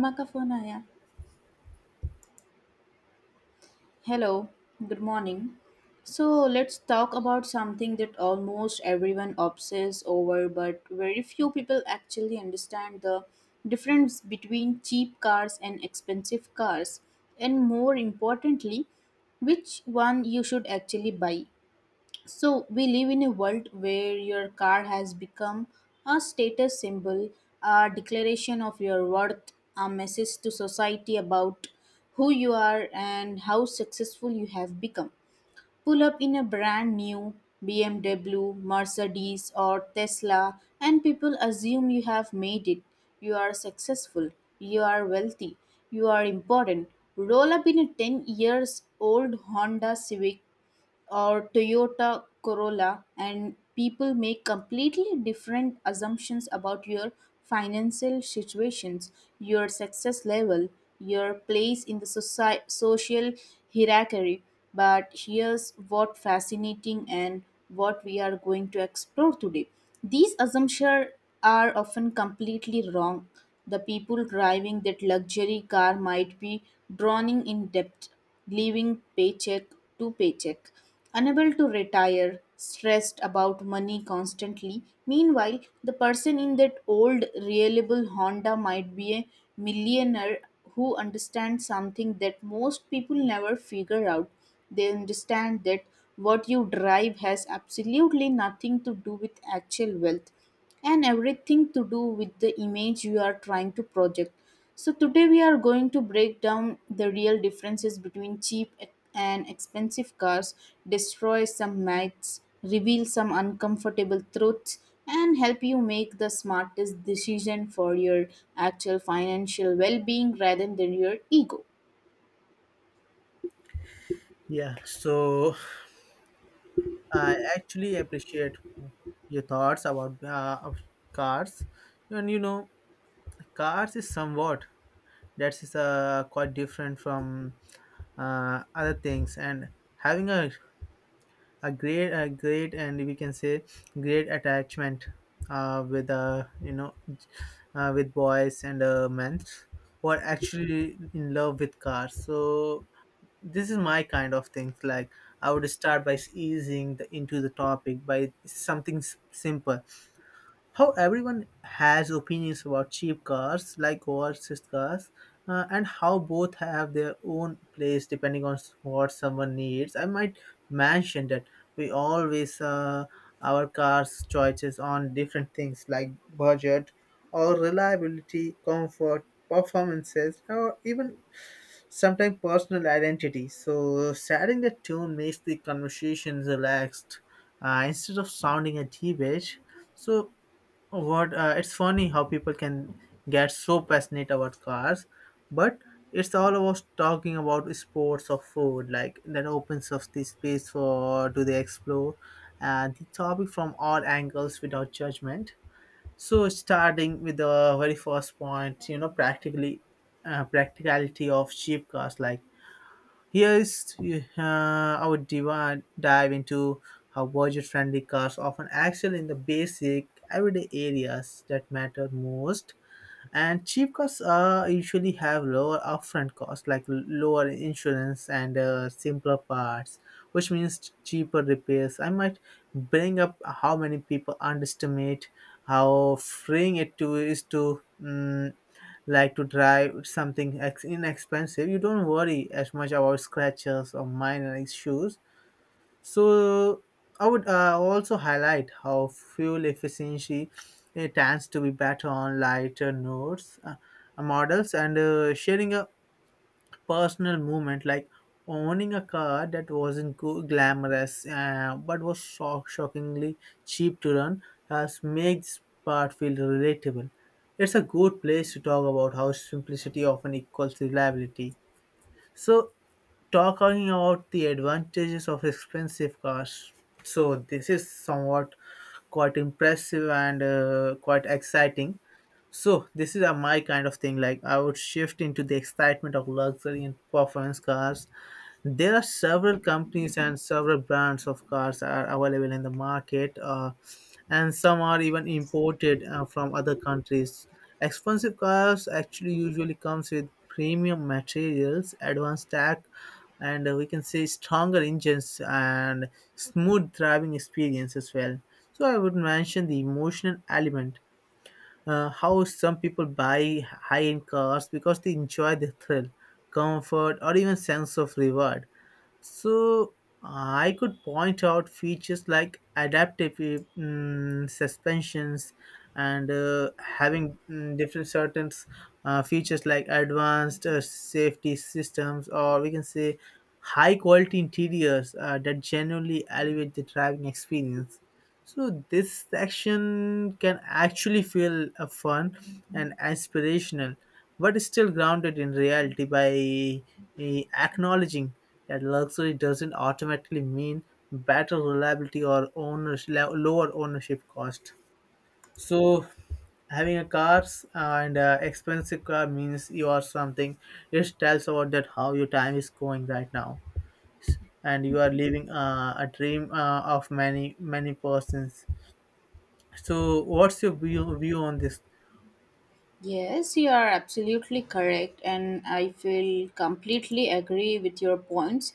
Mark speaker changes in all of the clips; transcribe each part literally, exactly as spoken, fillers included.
Speaker 1: Makafonaya. Hello, good morning. So let's talk about something that almost everyone obsesses over, but very few people actually understand the difference between cheap cars and expensive cars, and more importantly, which one you should actually buy. So we live in a world where your car has become a status symbol, a declaration of your worth, a message to society about who you are and how successful you have become. Pull up in a brand new B M W, Mercedes, or Tesla, and people assume you have made it. You are successful, you are wealthy, you are important. Roll up in a ten years old Honda Civic or Toyota Corolla, and people make completely different assumptions about your financial situations, your success level, your place in the soci- social hierarchy. But here's what fascinating and what we are going to explore today. These assumptions are often completely wrong. The people driving that luxury car might be drowning in debt living paycheck to paycheck, unable to retire, stressed about money constantly. Meanwhile, the person in that old, reliable Honda might be a millionaire who understands something that most people never figure out. They understand that what you drive has absolutely nothing to do with actual wealth and everything to do with the image you are trying to project. So, today we are going to break down the real differences between cheap and expensive cars, destroy some myths, reveal some uncomfortable truths, and help you make the smartest decision for your actual financial well being rather than your ego.
Speaker 2: Yeah, so I actually appreciate your thoughts about uh, of cars, and you know, cars is somewhat that is uh, quite different from uh, other things, and having a a great a great and we can say great attachment uh, with uh, you know uh, with boys and uh, men who are actually in love with cars. So this is my kind of things. Like I would start by easing the, into the topic by something s- simple. How everyone has opinions about cheap cars like overseas cars, uh, and how both have their own place depending on s- what someone needs. I might mention that we always uh, our cars choices on different things like budget or reliability, comfort, performances, or even sometimes personal identity. So, setting the tone makes the conversation relaxed, uh, instead of sounding a debate. So, what uh, it's funny how people can get so passionate about cars, but it's all about talking about sports or food. Like that opens up the space for do they explore uh, the topic from all angles without judgment. So starting with the very first point, you know, practically uh, practicality of cheap cars. Like here is uh, our diva dive into how budget-friendly cars often excel in the basic everyday areas that matter most. And cheap cars uh, usually have lower upfront costs, like l- lower insurance and uh, simpler parts, which means cheaper repairs. I might bring up how many people underestimate how freeing it to is to mm, like to drive something ex- inexpensive. You don't worry as much about scratches or minor issues. So I would uh, also highlight how fuel efficiency uh, tends to be better on lighter nodes, uh, models, and uh, sharing a personal moment like owning a car that wasn't go- glamorous uh, but was shock- shockingly cheap to run, has made this part feel relatable. It's a good place to talk about how simplicity often equals reliability. So talking about the advantages of expensive cars. So this is somewhat quite impressive and uh, quite exciting. So this is a my kind of thing. Like I would shift into the excitement of luxury and performance cars. There are several companies and several brands of cars are available in the market, uh, and some are even imported uh, from other countries. Expensive cars actually usually comes with premium materials, advanced tech, and uh, we can say stronger engines and smooth driving experience as well. So I would mention the emotional element, uh, how some people buy high-end cars because they enjoy the thrill, comfort, or even sense of reward. So I could point out features like adaptive mm, suspensions and uh, having mm, different certain uh, features like advanced uh, safety systems, or we can say high quality interiors uh, that genuinely elevate the driving experience. So this section can actually feel uh, fun and aspirational, but still grounded in reality by eh, acknowledging that luxury doesn't automatically mean better reliability or owners lower ownership cost. So having a car uh, and uh, expensive car means you are something. It tells about that how your time is going right now, and you are living uh, a dream uh, of many many persons. So, what's your view, view on this?
Speaker 1: Yes, you are absolutely correct, and I feel completely agree with your points.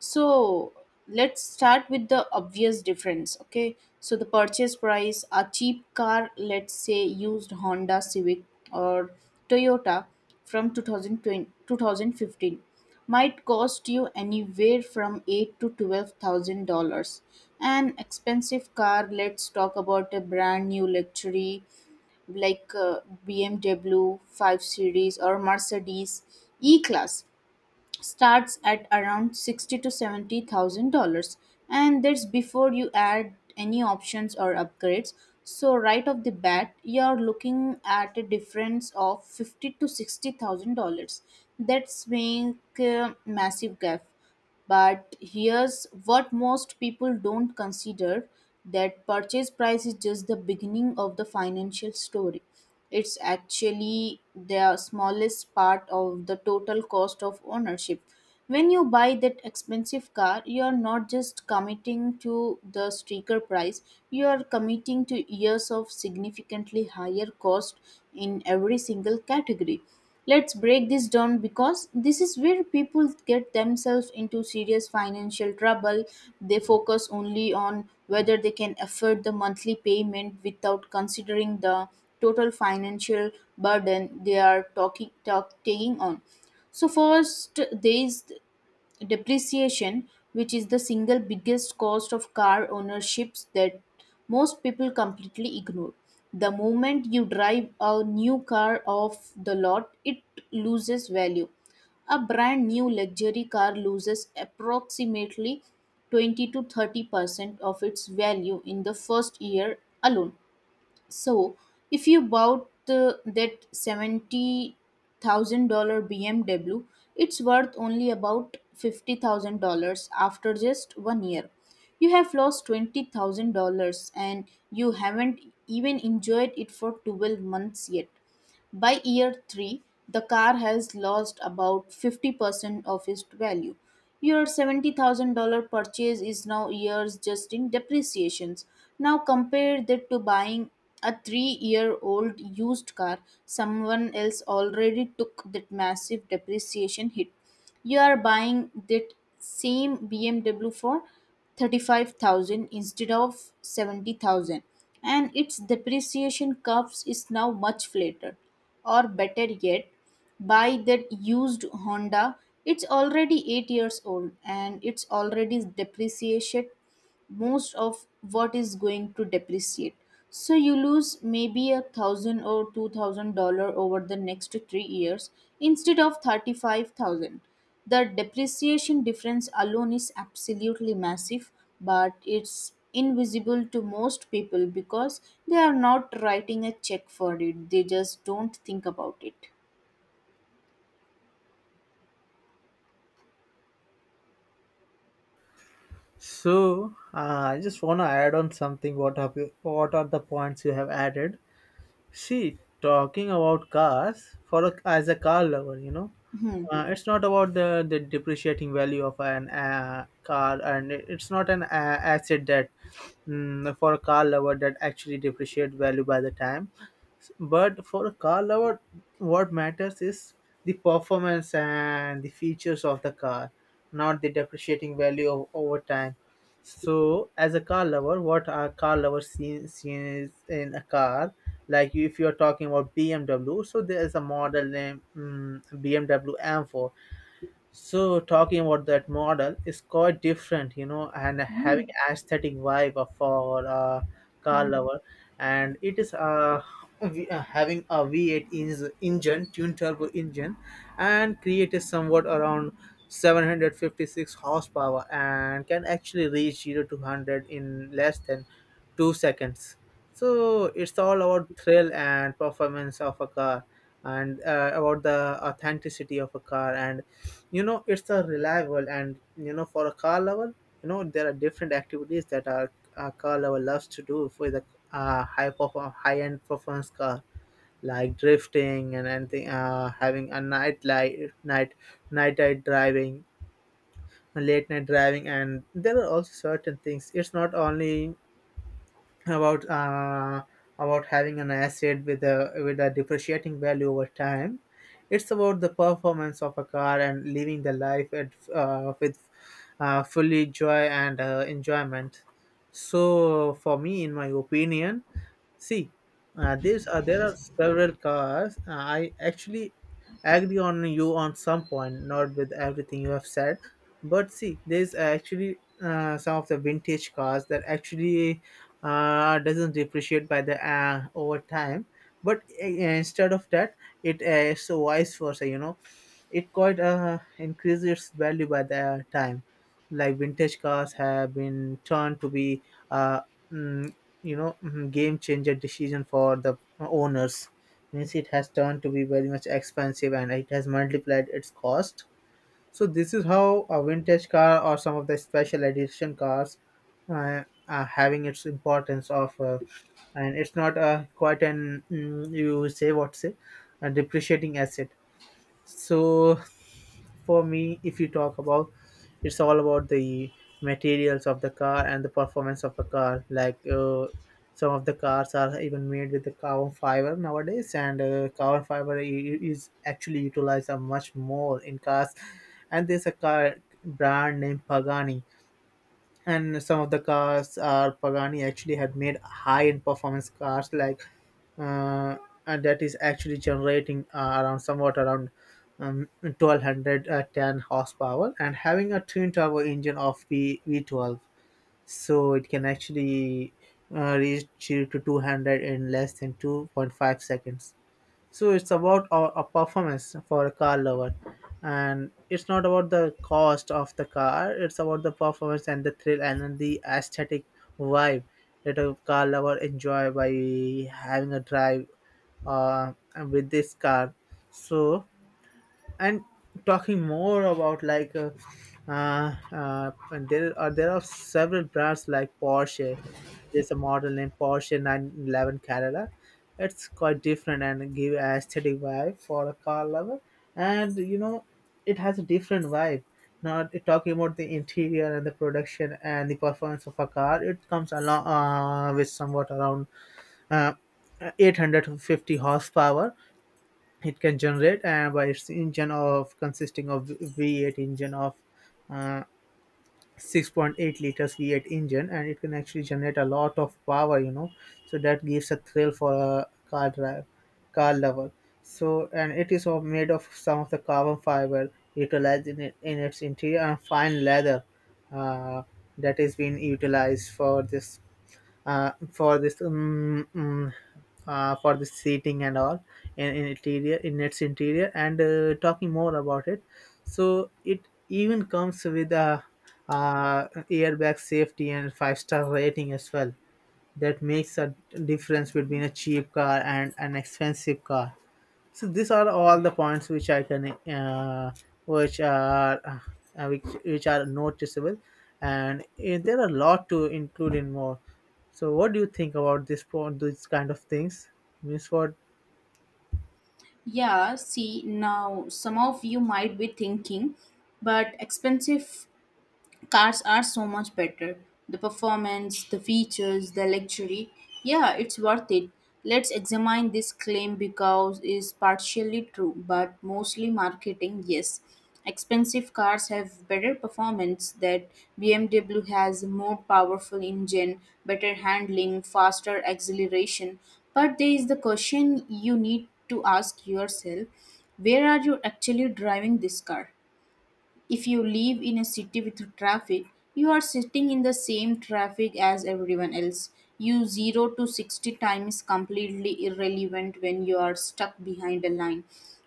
Speaker 1: So, let's start with the obvious difference, okay? So, the purchase price a cheap car, let's say used Honda Civic or Toyota from two thousand twenty, two thousand fifteen, might cost you anywhere from eight to twelve thousand dollars. An expensive car, let's talk about a brand new luxury like uh, B M W five Series or Mercedes E-Class starts at around sixty to seventy thousand dollars, and that's before you add any options or upgrades. So right off the bat, you're looking at a difference of fifty to sixty thousand dollars. That's being a massive gap, but here's what most people don't consider, that purchase price is just the beginning of the financial story. It's actually the smallest part of the total cost of ownership. When you buy that expensive car, you are not just committing to the sticker price, you are committing to years of significantly higher cost in every single category. Let's break this down because this is where people get themselves into serious financial trouble. They focus only on whether they can afford the monthly payment without considering the total financial burden they are talking, talk, taking on. So first, there is depreciation, which is the single biggest cost of car ownerships that most people completely ignore. The moment you drive a new car off the lot it loses value. A brand new luxury car loses approximately twenty to thirty percent of its value in the first year alone. So, if you bought the, that seventy thousand dollars B M W, it's worth only about fifty thousand dollars after just one year. You have lost twenty thousand dollars and you haven't even enjoyed it for twelve months yet. By year three, the car has lost about fifty percent of its value. Your seventy thousand dollars purchase is now years just in depreciations. Now compare that to buying a three year old used car. Someone else already took that massive depreciation hit. You are buying that same B M W for thirty-five thousand instead of seventy thousand, and its depreciation curves is now much flatter. Or better yet, buy that used Honda. It's already eight years old and it's already depreciated most of what is going to depreciate. So you lose maybe a thousand or two thousand dollar over the next three years instead of thirty five thousand. The depreciation difference alone is absolutely massive, but it's invisible to most people because they are not writing a check for it. They just don't think about it.
Speaker 2: So, uh, I just want to add on something. What have you? What are the points you have added? See, talking about cars for a, as a car lover, you know,
Speaker 1: Hmm.
Speaker 2: uh, it's not about the, the depreciating value of an uh, car, and it- it's not an uh, asset that mm, for a car lover that actually depreciate value by the time. But for a car lover, what matters is the performance and the features of the car, not the depreciating value of, over time. So, as a car lover, what a car lover sees, sees in a car, like if you are talking about B M W, so there is a model named mm B M W M four. So talking about that model is quite different, you know, and
Speaker 1: Hmm.
Speaker 2: having aesthetic vibe of- for uh, car
Speaker 1: Hmm.
Speaker 2: lover, and it is uh, v- uh, having a V eight in- engine, twin turbo engine, and created somewhat around seven hundred fifty-six horsepower, and can actually reach zero to one hundred in less than two seconds. So it's all about thrill and performance of a car, and uh, about the authenticity of a car. And you know it's a reliable, and you know for a car lover, you know there are different activities that our, our car lover loves to do for the uh, high perform high end performance car, like drifting and anything uh, having a night light night night night driving, late night driving. And there are also certain things, it's not only about uh, about having an asset with a with a depreciating value over time. It's about the performance of a car and living the life at, uh, with uh, fully joy and uh, enjoyment. So, for me, in my opinion, see, uh, there's uh, there are several cars. Uh, I actually agree on you on some point, not with everything you have said, but see, there's actually uh, some of the vintage cars that actually uh, doesn't depreciate by the uh, over time. But uh, instead of that, it is so vice versa. You know, it quite uh, increases its value by the time. Like vintage cars have been turned to be, uh, mm, you know, mm, game changer decision for the owners. Means it has turned to be very much expensive and it has multiplied its cost. So this is how a vintage car or some of the special edition cars uh, are having its importance of, uh, and it's not uh, quite an mm, you say what say, a depreciating asset. So for me, if you talk about, it's all about the materials of the car and the performance of the car. Like uh, some of the cars are even made with the carbon fiber nowadays, and uh, carbon fiber i- is actually utilized uh, much more in cars. And there's a car brand named Pagani, and some of the cars are Pagani actually had made high-end performance cars like uh, and that is actually generating uh, around somewhat around um, twelve hundred ten horsepower and having a twin turbo engine of V V12. So it can actually uh, reach to two hundred in less than two point five seconds. So it's about a, a performance for a car lover, and it's not about the cost of the car, it's about the performance and the thrill and then the aesthetic vibe that a car lover enjoy by having a drive uh, with this car. So and talking more about like uh, uh, uh, and there are there are several brands like Porsche. There's a model named Porsche nine eleven Carrera. It's quite different and give a aesthetic vibe for a car lover, and you know it has a different vibe. Not talking about the interior and the production and the performance of a car, it comes along uh, with somewhat around uh, eight hundred fifty horsepower it can generate, and by its engine of consisting of V eight engine of uh, six point eight liters V eight engine, and it can actually generate a lot of power. You know, so that gives a thrill for a car drive, car lover. So and it is all made of some of the carbon fiber utilized in, it, in its interior, and fine leather uh, that is being utilized for this uh, for this um, mm, uh, for the seating and all in, in interior in its interior. And uh, talking more about it, so it even comes with a uh, airbag safety and five star rating as well, that makes a difference between a cheap car and an expensive car. So these are all the points which I can, uh, which are uh, which, which are noticeable, and eh, there are a lot to include in more. So what do you think about this point, these kind of things, Miss Ford.
Speaker 1: Yeah, see, now some of you might be thinking, but expensive cars are so much better. The performance, the features, the luxury. Yeah, it's worth it. Let's examine this claim because it's partially true, but mostly marketing, yes. Expensive cars have better performance. That B M W has more powerful engine, better handling, faster acceleration. But there is the question you need to ask yourself, where are you actually driving this car? If you live in a city with traffic, you are sitting in the same traffic as everyone else. You zero to sixty time is completely irrelevant when you are stuck behind a line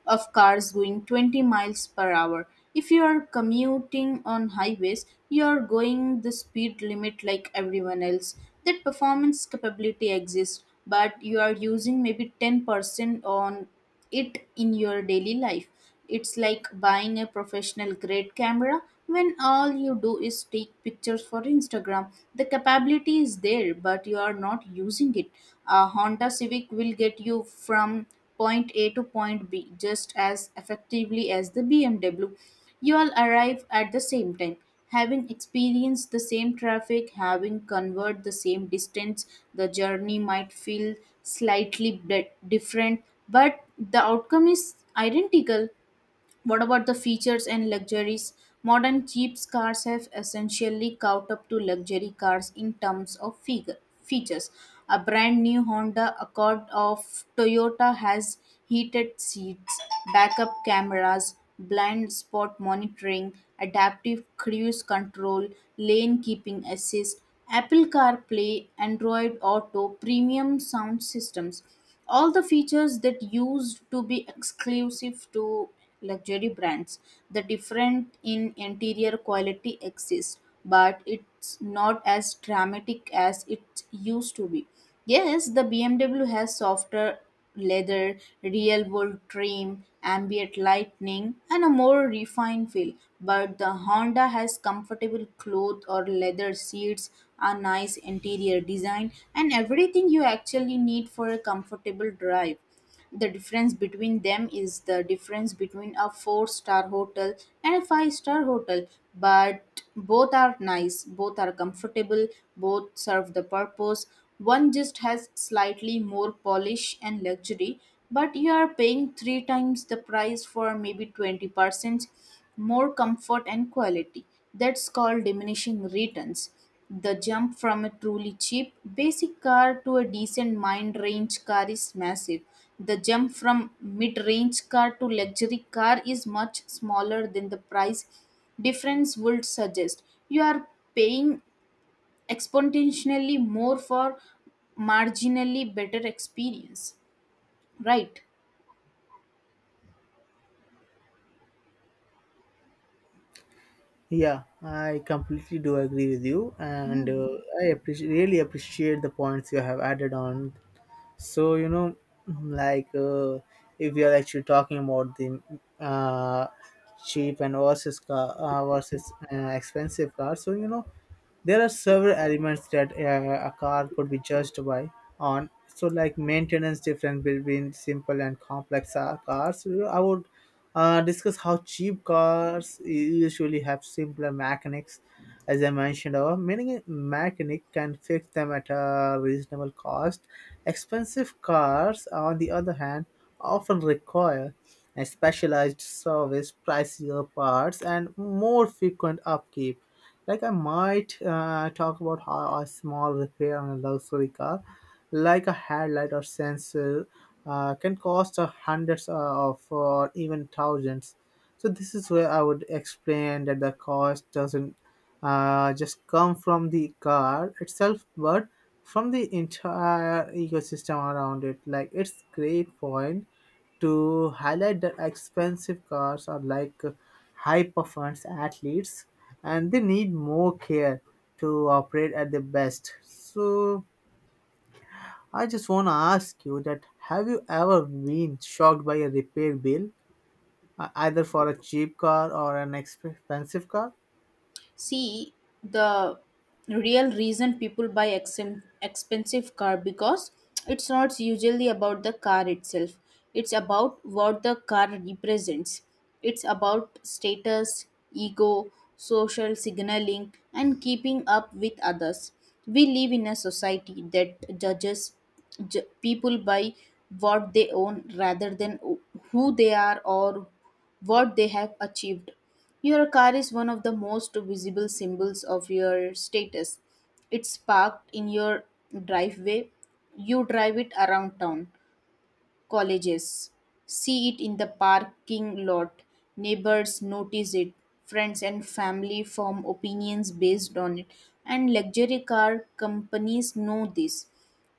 Speaker 1: of cars going twenty miles per hour. If you are commuting on highways, you are going the speed limit like everyone else. That performance capability exists, but you are using maybe ten percent on it in your daily life. It's like buying a professional grade camera when all you do is take pictures for Instagram. The capability is there, but you are not using it. A Honda Civic will get you from point A to point B just as effectively as the B M W. You all arrive at the same time. Having experienced the same traffic, having covered the same distance, the journey might feel slightly bit different, but the outcome is identical. What about the features and luxuries? Modern cheap cars have essentially caught up to luxury cars in terms of figure, features. A brand new Honda Accord of Toyota has heated seats, backup cameras, blind spot monitoring, adaptive cruise control, lane keeping assist, Apple CarPlay, Android Auto, premium sound systems, all the features that used to be exclusive to luxury brands. The different in interior quality exists but it's not as dramatic as it used to be. Yes, the BMW has softer leather, real world trim, ambient lighting, and a more refined feel. But the Honda has comfortable cloth or leather seats, a nice interior design, and everything you actually need for a comfortable drive. The difference between them is the difference between a four star hotel and a five star hotel, but both are nice, both are comfortable, both serve the purpose. One just has slightly more polish and luxury, but you are paying three times the price for maybe twenty percent more comfort and quality. That's called diminishing returns. The jump from a truly cheap, basic car to a decent mid range car is massive. The jump from mid range car to luxury car is much smaller than the price difference would suggest. You are paying exponentially more for marginally better experience, right?
Speaker 2: Yeah, I completely do agree with you, and uh,
Speaker 1: Hmm.
Speaker 2: I appreciate really appreciate the points you have added on. So you know, like uh, if we are actually talking about the uh, cheap and versus car uh, versus uh, expensive car, so you know there are several elements that uh, a car could be judged by on. So, like maintenance difference between simple and complex uh, cars. I would uh, discuss how cheap cars usually have simpler mechanics. As I mentioned, our many mechanic can fix them at a reasonable cost. Expensive cars, on the other hand, often require a specialized service, pricier parts, and more frequent upkeep. Like I might uh, talk about how a small repair on a luxury car, like a headlight or sensor, uh, can cost uh, hundreds uh, of or even thousands. So this is where I would explain that the cost doesn't uh, just come from the car itself, but from the entire ecosystem around it. Like, it's great point to highlight that expensive cars are like high performance athletes and they need more care to operate at their best. So I just want to ask you that have you ever been shocked by a repair bill, uh, either for a cheap car or an expensive car?
Speaker 1: See, the real reason people buy exem- expensive car because it's not usually about the car itself, it's about what the car represents. It's about status, ego, social signaling, and keeping up with others. We live in a society that judges ju- people by what they own rather than who they are or what they have achieved. Your car is one of the most visible symbols of your status. It's parked in your driveway. You drive it around town, colleges. See it in the parking lot. Neighbors notice it. Friends and family form opinions based on it. And luxury car companies know this.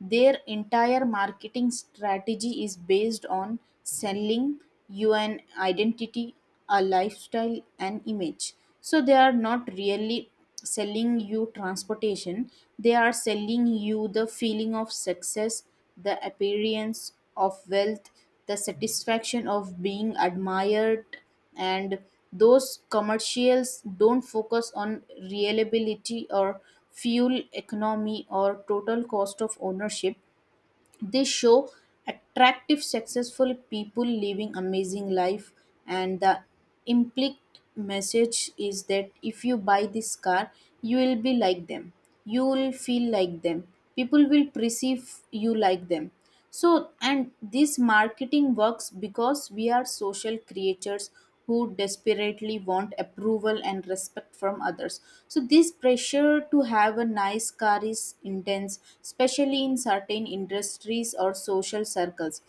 Speaker 1: Their entire marketing strategy is based on selling you an identity, a lifestyle, an image. So they are not really selling you transportation, they are selling you the feeling of success, the appearance of wealth, the satisfaction of being admired. And those commercials don't focus on reliability or fuel economy or total cost of ownership. They show attractive successful people living amazing life, and the implicit message is that if you buy this car you will be like them, you will feel like them, people will perceive you like them. So, and this marketing works because we are social creatures who desperately want approval and respect from others. So, this pressure to have a nice car is intense, especially in certain industries or social circles.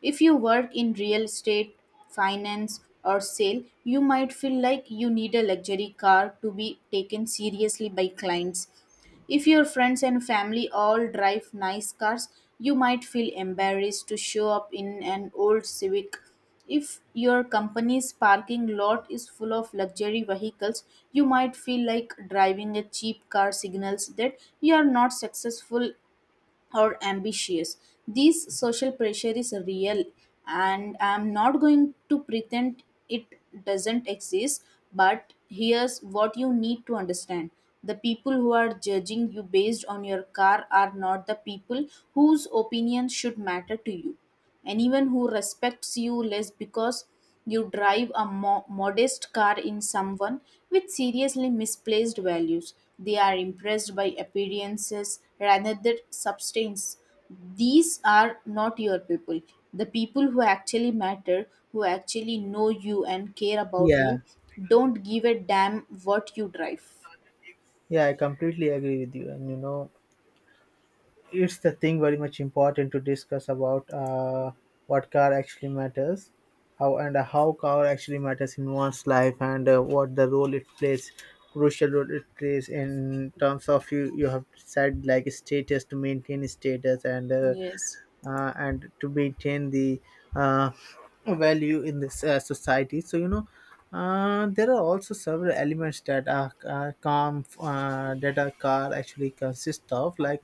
Speaker 1: If you work in real estate, finance, or sale, you might feel like you need a luxury car to be taken seriously by clients. If your friends and family all drive nice cars, you might feel embarrassed to show up in an old Civic. If your company's parking lot is full of luxury vehicles, you might feel like driving a cheap car signals that you are not successful or ambitious. This social pressure is real, and I'm not going to pretend it doesn't exist. But here's what you need to understand, the people who are judging you based on your car are not the people whose opinions should matter to you. Anyone who respects you less because you drive a mo- modest car in someone with seriously misplaced values. They are impressed by appearances rather than substance. These are not your people. The people who actually matter, who actually know you and care about
Speaker 2: Yeah,
Speaker 1: you, don't give a damn what you drive.
Speaker 2: yeah, I completely agree with you. And you know, it's the thing very much important to discuss about, uh, what car actually matters, how and how car actually matters in one's life, and uh, what the role it plays, crucial role it plays, in terms of you you have said like status, to maintain status, and uh,
Speaker 1: Yes.
Speaker 2: uh, and to maintain the uh, value in this uh, society. So you know, uh, there are also several elements that are uh, come uh, that a car actually consists of, like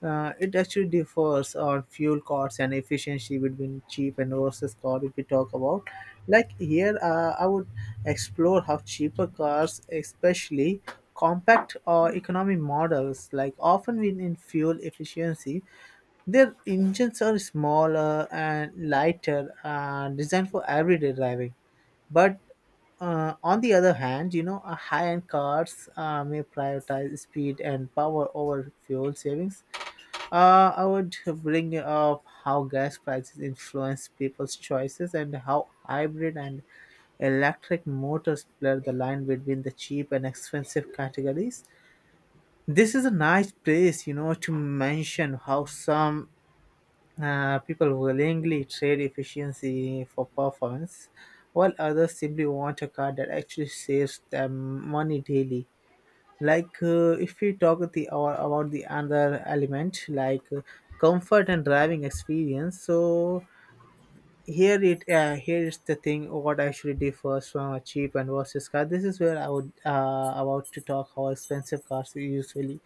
Speaker 2: uh, it actually differs on fuel costs and efficiency between cheap and versus car. If we talk about, like here, uh, I would explore how cheaper cars, especially compact or economy models, like often win in fuel efficiency. Their engines are smaller and lighter, uh, designed for everyday driving. But uh, on the other hand, you know, uh, high-end cars uh, may prioritize speed and power over fuel savings. Uh, I would bring up how gas prices influence people's choices, and how hybrid and electric motors blur the line between the cheap and expensive categories. This is a nice place, you know, to mention how some uh, people willingly trade efficiency for performance, while others simply want a car that actually saves them money daily. Like uh, if we talk the or about the other element, like uh, comfort and driving experience. So here it uh, here is the thing what actually differs from a cheap and versus car. This is where I would uh, about to talk how expensive cars usually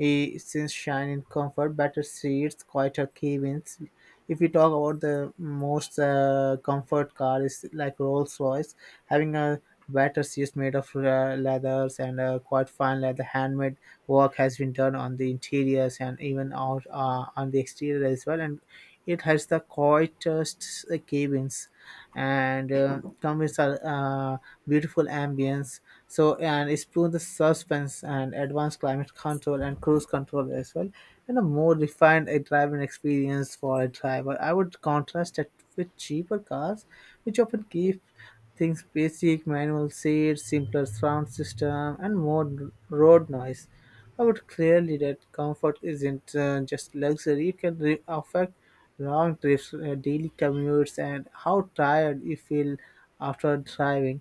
Speaker 2: eh, since shine in comfort, better seats, quieter cabins. If we talk about the most uh, comfort car is like Rolls Royce, having a better seats made of uh, leathers, and uh, quite fine leather, handmade work has been done on the interiors and even out uh, on the exterior as well. And it has the quietest uh, cabins, and uh, come with a uh, beautiful ambience. So, and it's through the suspense and advanced climate control and cruise control as well, and a more refined a driving experience for a driver. I would contrast it with cheaper cars, which often keep things basic, manual seats, simpler sound system, and more r- road noise. I would clearly that comfort isn't uh, just luxury; it can re- affect long trips, uh, daily commutes, and how tired you feel after driving.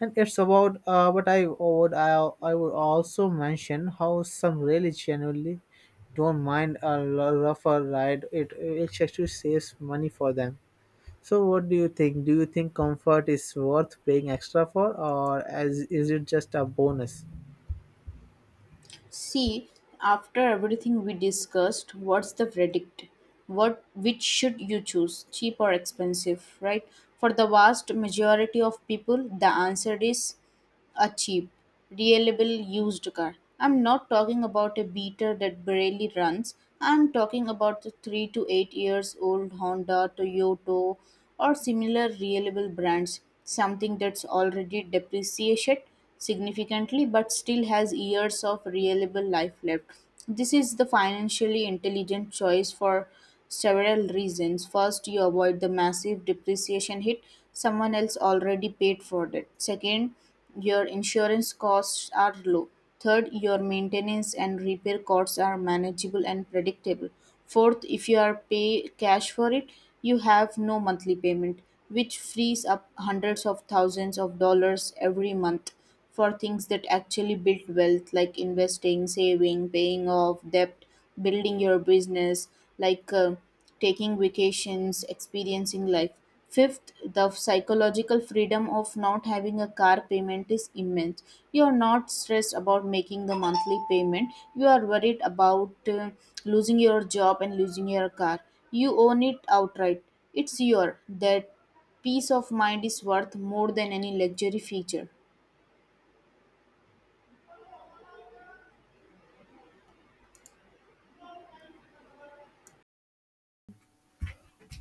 Speaker 2: And it's about uh, but I would I, I would also mention how some really genuinely don't mind a l- rougher ride. It, it actually saves money for them. So what do you think? Do you think comfort is worth paying extra for, or as is it just a bonus?
Speaker 1: See, after everything we discussed, what's the verdict? What which should you choose, cheap or expensive, right? For the vast majority of people, the answer is a cheap, reliable used car. I'm not talking about a beater that barely runs. I'm talking about the three to eight years old Honda, Toyota, or similar reliable brands. Something that's already depreciated significantly but still has years of reliable life left. This is the financially intelligent choice for several reasons. First, you avoid the massive depreciation hit, someone else already paid for that. Second, your insurance costs are low. Third, your maintenance and repair costs are manageable and predictable. Fourth, if you are pay cash for it, you have no monthly payment, which frees up hundreds of thousands of dollars every month for things that actually build wealth like investing, saving, paying off debt, building your business, like uh, taking vacations, experiencing life. Fifth, the psychological freedom of not having a car payment is immense. You are not stressed about making the monthly payment. You are worried about uh, losing your job and losing your car. You own it outright. It's your, that peace of mind is worth more than any luxury feature.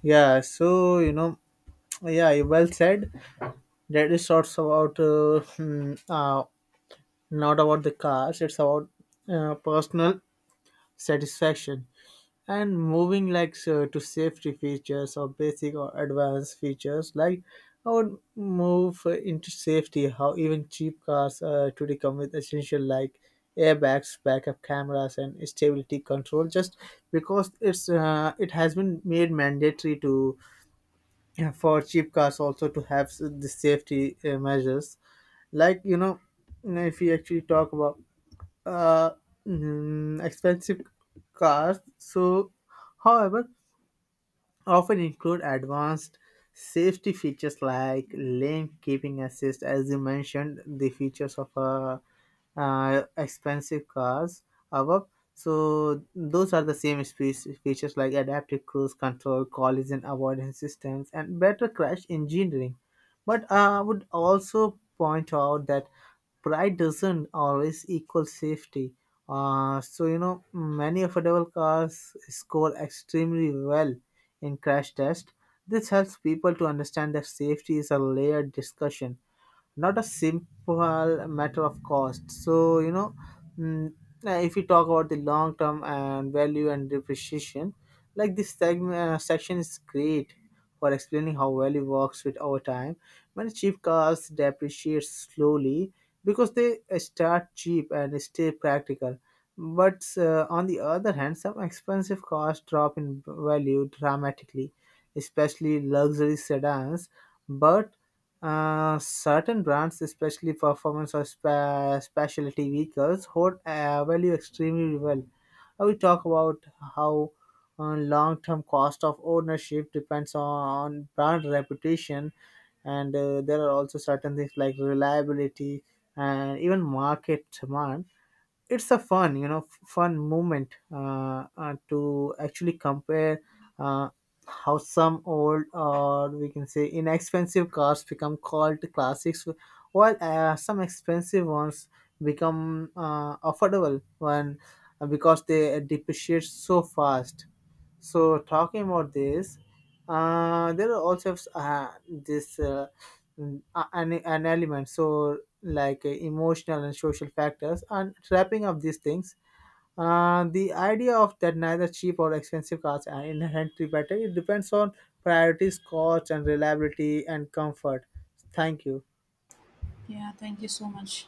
Speaker 2: Yeah. So you know, yeah, you well said. That is sort of about uh, hmm, uh, not about the cars. It's about uh, personal satisfaction. And moving like so to safety features, or basic or advanced features, like I would move uh, into safety, how even cheap cars uh, today come with essential, like airbags, backup cameras, and stability control, just because it's uh, it has been made mandatory to uh, for cheap cars also to have s- the safety uh, measures. Like, you know, if you actually talk about uh, mm, expensive cars, so however, often include advanced safety features like lane keeping assist. As you mentioned, the features of uh, uh, expensive cars above. So those are the same spec- features like adaptive cruise control, collision avoidance systems, and better crash engineering. But I would also point out that pride doesn't always equal safety. Uh, so, you know, many affordable cars score extremely well in crash tests. This helps people to understand that safety is a layered discussion, not a simple matter of cost. So, you know, mm, uh, if we talk about the long term and value and depreciation, like this segment, uh, section is great for explaining how value works with over time. Many cheap cars depreciate slowly because they uh, start cheap and stay practical. But uh, on the other hand, some expensive cars drop in value dramatically, especially luxury sedans. But uh, certain brands, especially performance or spa- specialty vehicles, hold uh, value extremely well. Uh, We talk about how uh, long-term cost of ownership depends on brand reputation, and uh, there are also certain things like reliability and even market demand. It's a fun, you know, f- fun moment uh, uh, to actually compare uh, how some old, or we can say inexpensive cars, become called classics, while uh, some expensive ones become uh, affordable when uh, because they depreciate so fast. So talking about this, uh, there are also uh, this uh, an, an element, so like uh, emotional and social factors. And wrapping up these things, uh, the idea of that neither cheap or expensive cars are inherently better. It depends on priorities, cost, and reliability and comfort. Thank you.
Speaker 1: Yeah, thank you so much.